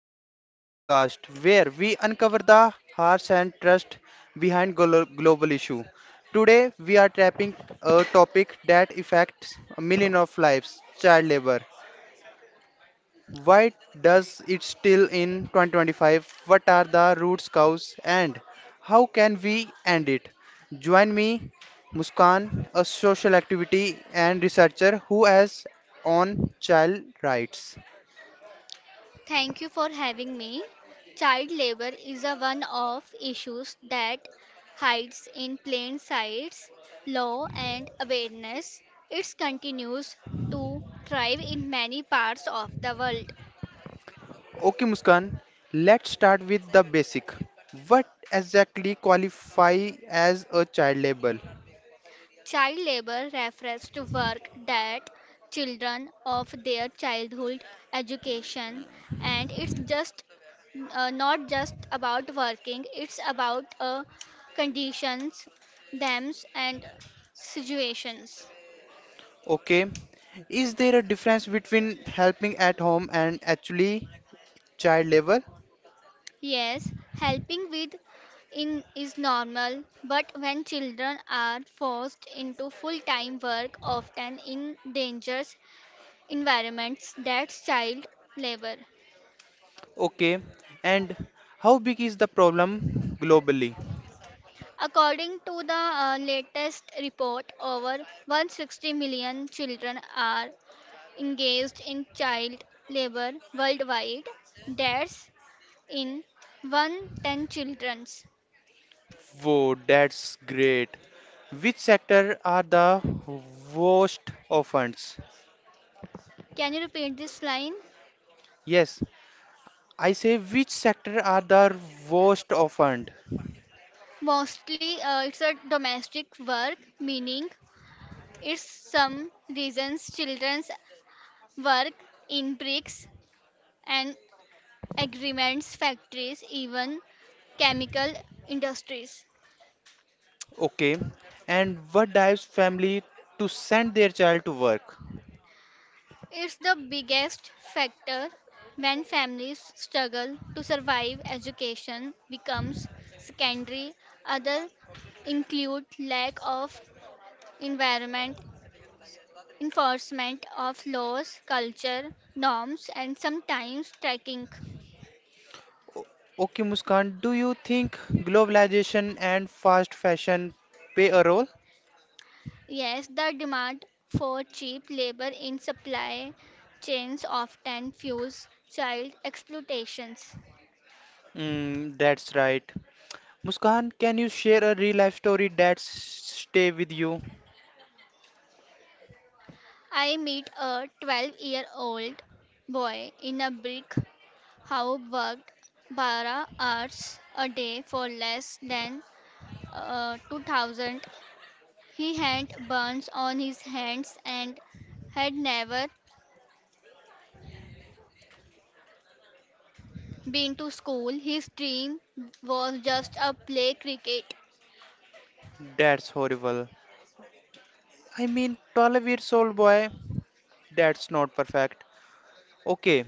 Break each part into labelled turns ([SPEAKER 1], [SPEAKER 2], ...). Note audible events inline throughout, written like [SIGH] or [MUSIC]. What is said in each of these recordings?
[SPEAKER 1] welcome to a podcast where we uncover the hearts and trust behind global issue. Today we are tapping a topic that affects a million of lives, child labor. Why does it still in 2025? What are the roots cause and how can we end it? Join me Muskan, a social activity and researcher who has on child rights.
[SPEAKER 2] Thank you for having me. Child labor is a one of issues that hides in plain sights, law and awareness. It continues to thrive in many parts of the world.
[SPEAKER 1] Okay, Muskan, let's start with the basic. What exactly qualify as a child labor?
[SPEAKER 2] Child labor refers to work that children of their childhood education and it's just not just about working it's about conditions thems and situations
[SPEAKER 1] Okay, is there a difference between helping at home and actually child labor?
[SPEAKER 2] yes helping with in is normal but when children are forced into full time work often in dangerous environments that's child labor.
[SPEAKER 1] Okay, and how big is the problem globally?
[SPEAKER 2] According to the latest report, over 160 million children are engaged in child labor worldwide. That's in 110 childrens.
[SPEAKER 1] Whoa, that's great. Which sector are the worst offends?
[SPEAKER 2] Can you repeat this line?
[SPEAKER 1] Yes, I say which sector are the worst offend?
[SPEAKER 2] Mostly, it's a domestic work, meaning it's some reasons childrens work in bricks and agreements factories, even chemical industries.
[SPEAKER 1] Okay. And what drives family to send their child to work?
[SPEAKER 2] It's the biggest factor when families struggle to survive. Education becomes secondary. Other include lack of environment, enforcement of laws, culture, norms, and sometimes tracking.
[SPEAKER 1] O- Okay, Muskan, do you think globalization and fast fashion play a role?
[SPEAKER 2] Yes, the demand for cheap labor in supply chains often fuels child exploitations.
[SPEAKER 1] Mm, that's right. Muskan, can you share a real life story that stay with you?
[SPEAKER 2] I meet a 12-year-old boy in a brick How worked bara hours a day for less than 2000. He had burns on his hands and had never been to school. His dream was just a play cricket.
[SPEAKER 1] That's horrible. I mean, 12 years old boy, that's not perfect. Okay,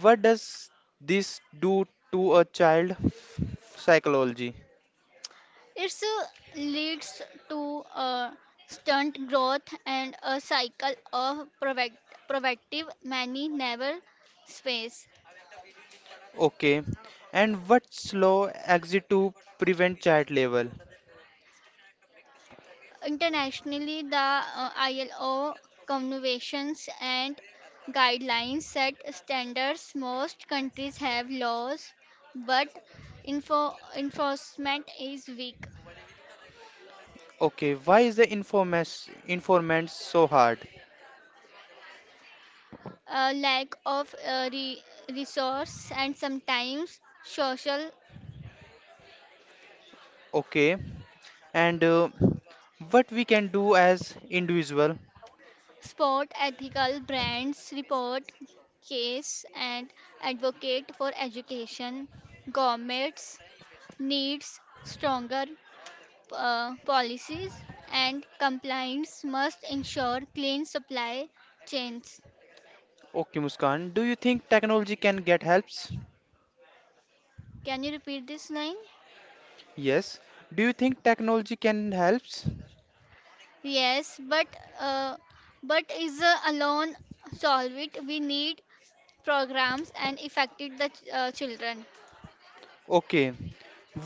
[SPEAKER 1] what does this do to a child psychology?
[SPEAKER 2] It leads to a stunt growth and a cycle of proactive many never space.
[SPEAKER 1] Okay. And what's law exit to prevent child labor?
[SPEAKER 2] Internationally, the ILO conventions and guidelines set standards. Most countries have laws, but enforcement is weak.
[SPEAKER 1] Okay. Why is the informas informant so hard?
[SPEAKER 2] Lack of resource and sometimes social
[SPEAKER 1] Okay. And what we can do as individual?
[SPEAKER 2] sport ethical brands report case and advocate for education governments needs stronger policies and compliance must ensure clean supply chains.
[SPEAKER 1] Okay, Muskan. Do you think technology can get helps?
[SPEAKER 2] Can you repeat this line?
[SPEAKER 1] Yes. Do you think technology can helps?
[SPEAKER 2] Yes, uh, but is alone solve it? We need programs and affected the children.
[SPEAKER 1] Okay.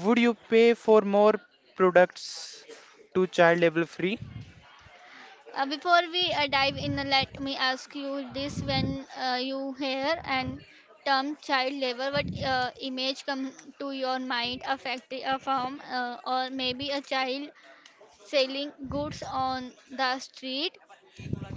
[SPEAKER 1] Would you pay for more products to child labor free?
[SPEAKER 2] Before we dive in, let me ask you this: When you hear and term child labor, what image come to your mind? A factory, a farm, or maybe a child selling goods on the street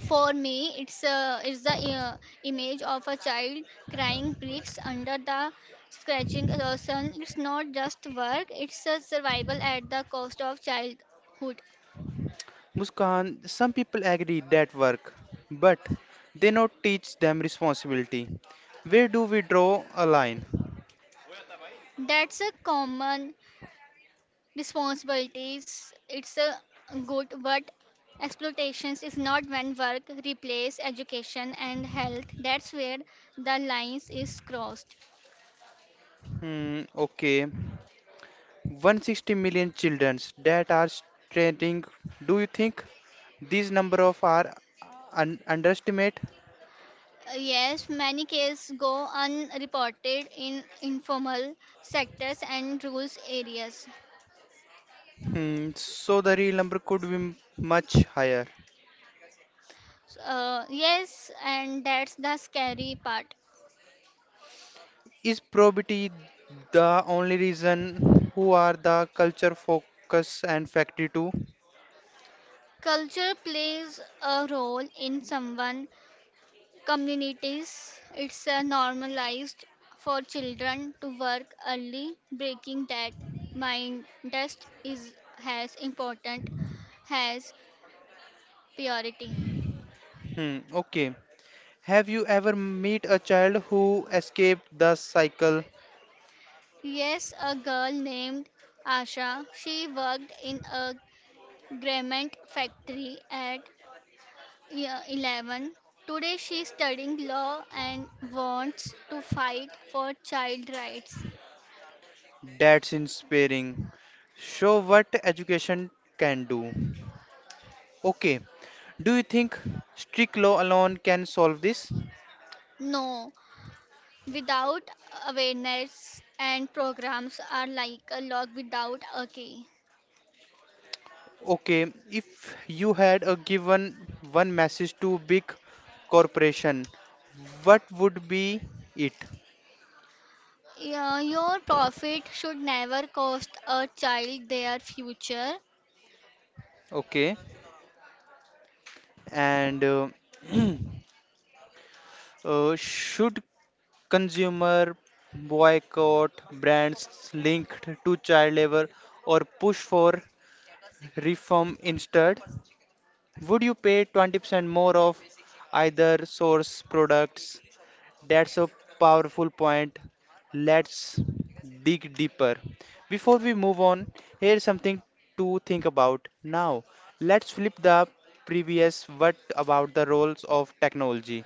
[SPEAKER 2] for me it's the image of a child crying bricks under the scratching the sun it's not just work it's a survival at the cost of childhood.
[SPEAKER 1] Muskan, some people agree that work, but they not teach them responsibility. Where do we draw a line?
[SPEAKER 2] That's a common responsibilities it's a good but exploitations is not when work replace education and health that's where the lines is crossed.
[SPEAKER 1] Hmm, okay. 160 million children that are stranding. Do you think these number of are underestimate?
[SPEAKER 2] Yes, many cases go unreported in informal sectors and rural areas.
[SPEAKER 1] Hmm, so the real number could be much higher.
[SPEAKER 2] So, yes, and that's the scary part.
[SPEAKER 1] Is probity the only reason who are the culture focus and factory too?
[SPEAKER 2] Culture plays a role in someone communities. It's normalized for children to work early. Breaking that mind dust is as important as purity.
[SPEAKER 1] Hmm, okay. Have you ever met a child who escaped the cycle?
[SPEAKER 2] Yes, a girl named Asha. She worked in a garment factory at year 11. Today she is studying law and wants to fight for child rights.
[SPEAKER 1] That's inspiring. Show what education can do. Okay, do you think strict law alone can solve this?
[SPEAKER 2] No, without awareness and programs are like a lock without a key.
[SPEAKER 1] Okay, if you had a given one message to big corporation, what would be it?
[SPEAKER 2] Yeah, your profit should never cost a child their future.
[SPEAKER 1] Okay, and [CLEARS THROAT] Should consumer boycott brands linked to child labor or push for reform instead? Would you pay 20% more of either source products? That's a powerful point. Let's dig deeper. Before we move on, here's something to think about. Now, let's flip the previous what about the roles of technology.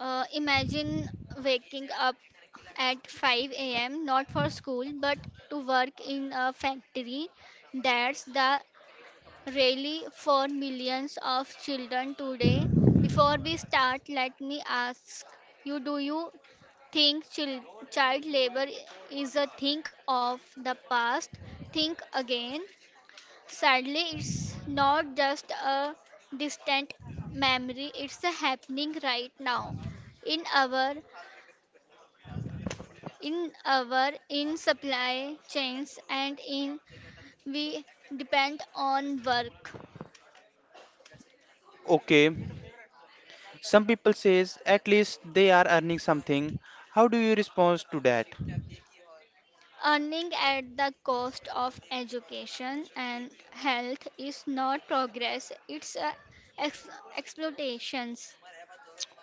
[SPEAKER 2] Imagine waking up at 5 a.m. not for school but to work in a factory. That's the really for millions of children today. Before we start, let me ask you do you think child labor is a thing of the past? Think again. Sadly, it's not just a distant memory, it's happening right now in our in our in supply chains and in we depend on work.
[SPEAKER 1] Okay, some people says at least they are earning something. How do you respond to that?
[SPEAKER 2] Earning at the cost of education and health is not progress, it's ex- exploitations.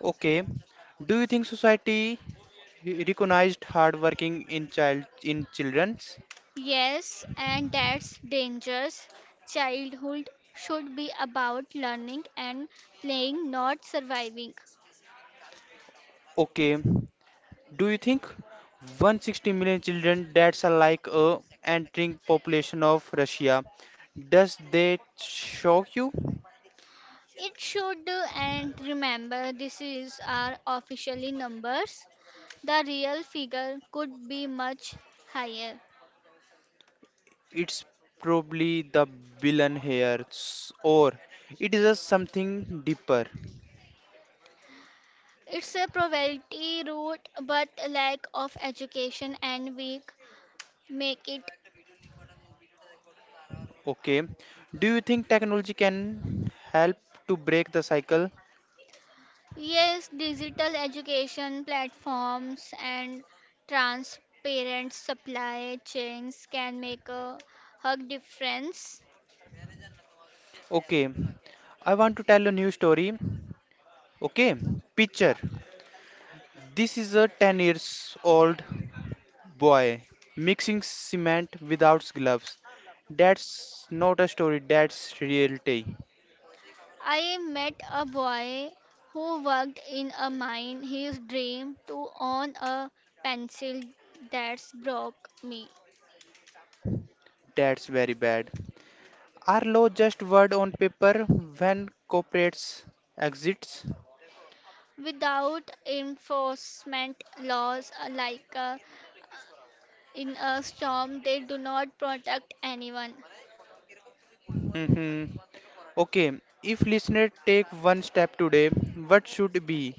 [SPEAKER 1] Okay. Do you think society recognized hard working in child in children's?
[SPEAKER 2] Yes, and that's dangerous. Childhood should be about learning and playing, not surviving.
[SPEAKER 1] Okay. Do you think 160 million children that's a like a entering population of Russia? Does that shock you?
[SPEAKER 2] It should, and remember, this is our officially numbers. The real figure could be much higher.
[SPEAKER 1] It's probably the villain here or it is a something deeper.
[SPEAKER 2] It's a poverty root, but lack of education and weak make it.
[SPEAKER 1] Okay. Do you think technology can help to break the cycle?
[SPEAKER 2] Yes, digital education platforms and transparent supply chains can make a hug difference.
[SPEAKER 1] Okay. I want to tell a new story. Okay. Picture. This is a 10 years old boy mixing cement without gloves. That's not a story, that's reality.
[SPEAKER 2] I met a boy who worked in a mine. His dream to own a pencil that's broke me.
[SPEAKER 1] That's very bad. Are law just word on paper when corporates exits?
[SPEAKER 2] Without enforcement laws like in a storm, they do not protect anyone.
[SPEAKER 1] Hmm, okay, if listener take one step today, what should it be?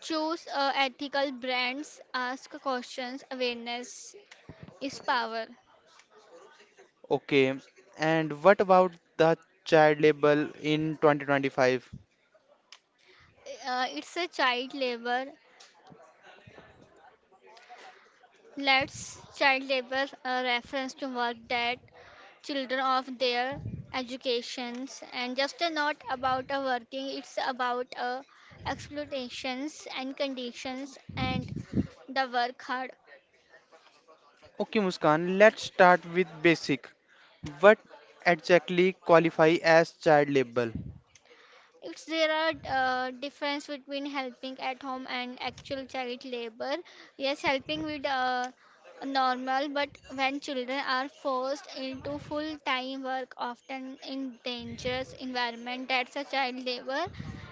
[SPEAKER 2] Choose ethical brands. Ask questions. Awareness is power.
[SPEAKER 1] Okay, and what about the child label in 2025?
[SPEAKER 2] It's a child labor. Let's child labor reference to work that children of their educations and just not about a working. It's about exploitations and conditions and the work hard.
[SPEAKER 1] Okay, Muskan, let's start with basic. What exactly qualify as child labor?
[SPEAKER 2] It's there are difference between helping at home and actual child labor. Yes, helping with normal, but when children are forced into full-time work, often in dangerous environment, that's a child labor.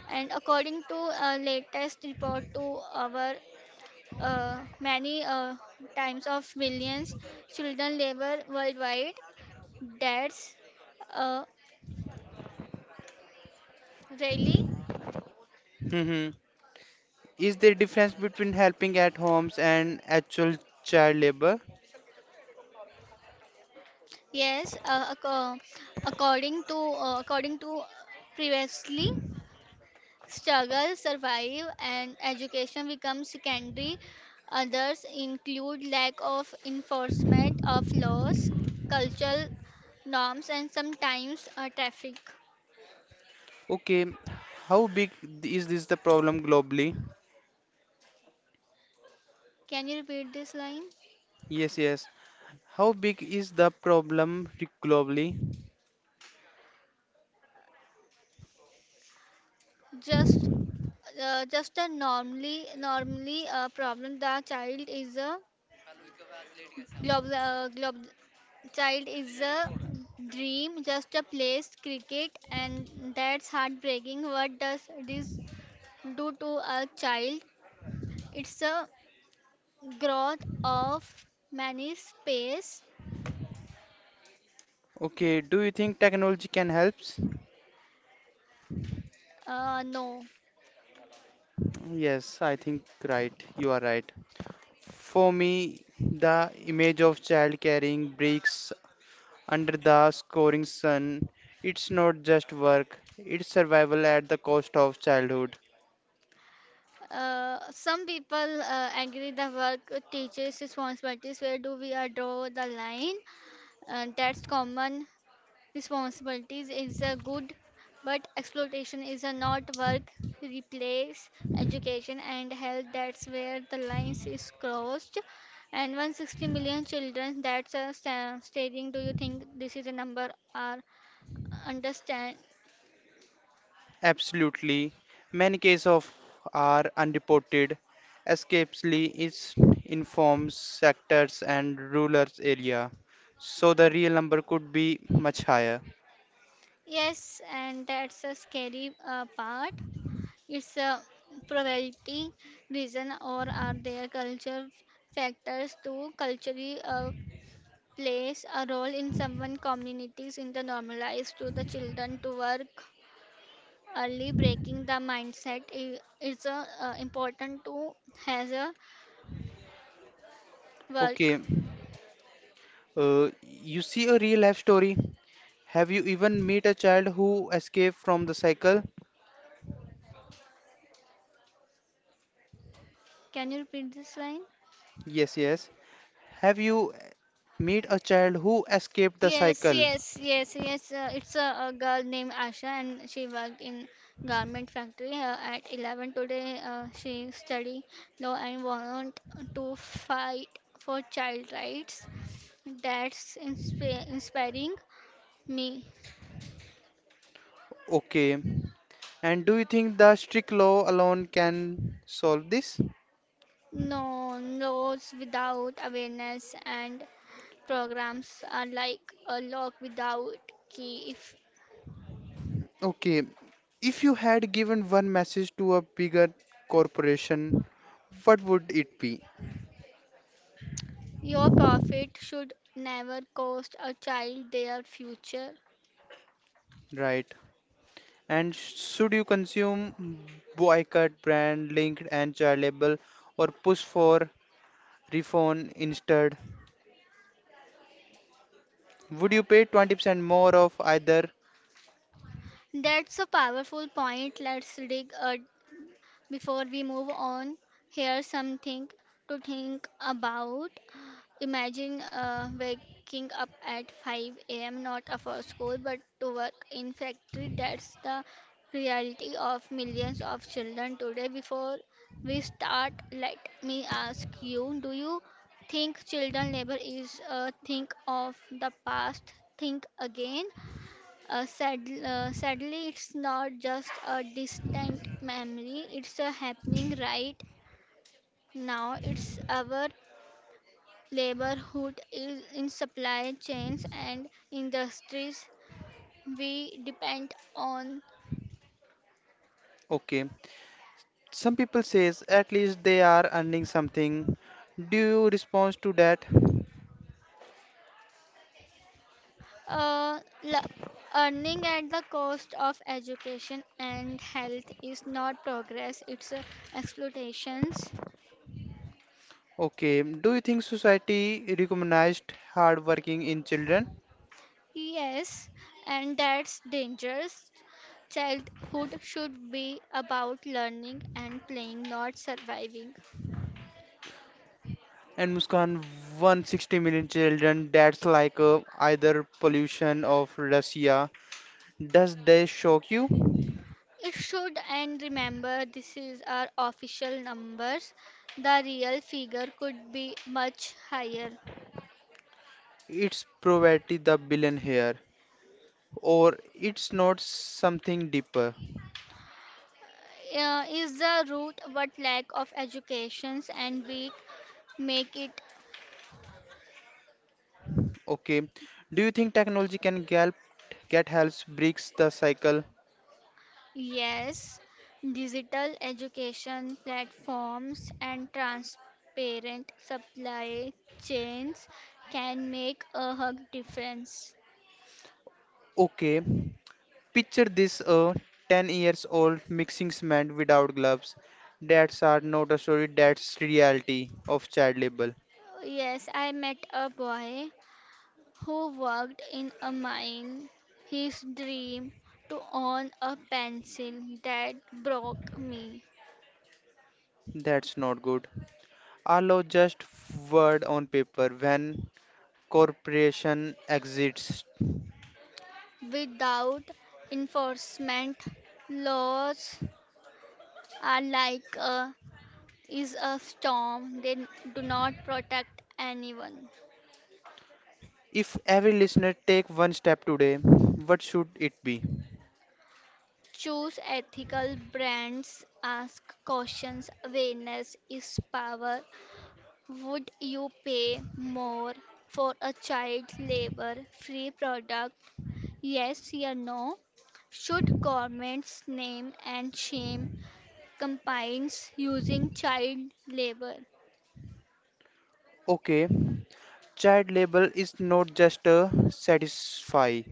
[SPEAKER 2] And according to latest report to our many times of millions children labor worldwide, that's uh, really.
[SPEAKER 1] Hmm. Is there difference between helping at homes and actual child labor?
[SPEAKER 2] Yes, according to previously, struggle, survive, and education become secondary. Others include lack of enforcement of laws, cultural norms, and sometimes traffic.
[SPEAKER 1] Okay, how big is this the problem globally?
[SPEAKER 2] Can you repeat this line?
[SPEAKER 1] Yes, yes. How big is the problem globally?
[SPEAKER 2] Just just a normally a problem. The child is a global glob child is a dream, just a place, cricket, and that's heartbreaking. What does this do to a child? It's a growth of many space.
[SPEAKER 1] Okay, do you think technology can help?
[SPEAKER 2] No.
[SPEAKER 1] Yes, I think right. You are right. For me, the image of child carrying bricks under the scoring sun, it's not just work, it's survival at the cost of childhood.
[SPEAKER 2] Some people agree the work teaches responsibilities. Where do we draw the line? That's common. Responsibilities is a good, but exploitation is a not work. Replace education and health. That's where the lines is crossed. And 160 million children. That's a stating. Do you think this is a number or understand?
[SPEAKER 1] Absolutely. Many cases of are unreported. Escapesly is informs sectors and rural area. So the real number could be much higher.
[SPEAKER 2] Yes, and that's a scary part. It's a probability reason or are there culture factors to culturally plays a role in some communities in the normalized to the children to work early breaking the mindset is a, important to has a
[SPEAKER 1] Okay.
[SPEAKER 2] work.
[SPEAKER 1] You see a real life story. Have you even met a child who escaped from the cycle?
[SPEAKER 2] Can you repeat this line?
[SPEAKER 1] Yes, yes. Have you met a child who escaped the
[SPEAKER 2] Yes,
[SPEAKER 1] cycle?
[SPEAKER 2] yes, yes, yes, it's a girl named Asha and she worked in garment factory at 11 today she study law and want to fight for child rights. That's inspiring me.
[SPEAKER 1] Okay. And do you think the strict law alone can solve this?
[SPEAKER 2] No, roads without awareness and programs are like a lock without key. If
[SPEAKER 1] Okay. If you had given one message to a bigger corporation, what would it be?
[SPEAKER 2] your profit should never cost a child their future.
[SPEAKER 1] Right. And should you consume boycott, brand, linked, and child label, or push for refund instead? Would you pay 20% more of either?
[SPEAKER 2] That's a powerful point. Let's dig a before we move on. Here's something to think about. Imagine waking up at 5 a.m. not for school but to work in factory. That's the reality of millions of children today. Before we start, let me ask you: Do you think children labor is a thing of the past? Think again. Sadly, it's not just a distant memory. It's a happening right now. It's our Laborhood is in supply chains and industries we depend on.
[SPEAKER 1] Okay. Some people says at least they are earning something. Do you respond to that?
[SPEAKER 2] uh, la- earning at the cost of education and health is not progress it's exploitations.
[SPEAKER 1] Okay. Do you think society recognized hard working in children?
[SPEAKER 2] Yes, and that's dangerous. Childhood should be about learning and playing not surviving.
[SPEAKER 1] And Muskan, 160 million children, that's like either pollution of Russia. Does that shock you?
[SPEAKER 2] It should, and remember, this is our official numbers. The real figure could be much higher.
[SPEAKER 1] It's poverty the billion here, or it's not something deeper.
[SPEAKER 2] Is the root what lack of educations and weak make it?
[SPEAKER 1] Okay. Do you think technology can help get helps breaks the cycle?
[SPEAKER 2] Yes, digital education platforms and transparent supply chains can make a hug difference.
[SPEAKER 1] Okay. Picture this a 10 years old mixing cement without gloves. That's are not a story, that's reality of child labor.
[SPEAKER 2] Yes, I met a boy who worked in a mine, his dream to own a pencil that broke me.
[SPEAKER 1] That's not good. Are law just word on paper when corporation exists?
[SPEAKER 2] Without enforcement, laws are like a is a storm, they do not protect anyone.
[SPEAKER 1] If every listener take one step today, what should it be?
[SPEAKER 2] Choose ethical brands, ask questions, awareness is power. Would you pay more for a child labor free product? Yes, or no? Should governments name and shame campaigns using child labor?
[SPEAKER 1] Okay, child labor is not just a satisfy,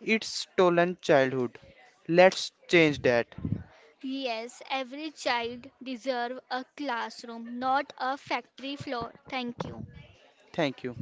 [SPEAKER 1] it's stolen childhood. Let's change that.
[SPEAKER 2] Yes, every child deserves a classroom, not a factory floor. Thank you.
[SPEAKER 1] Thank you.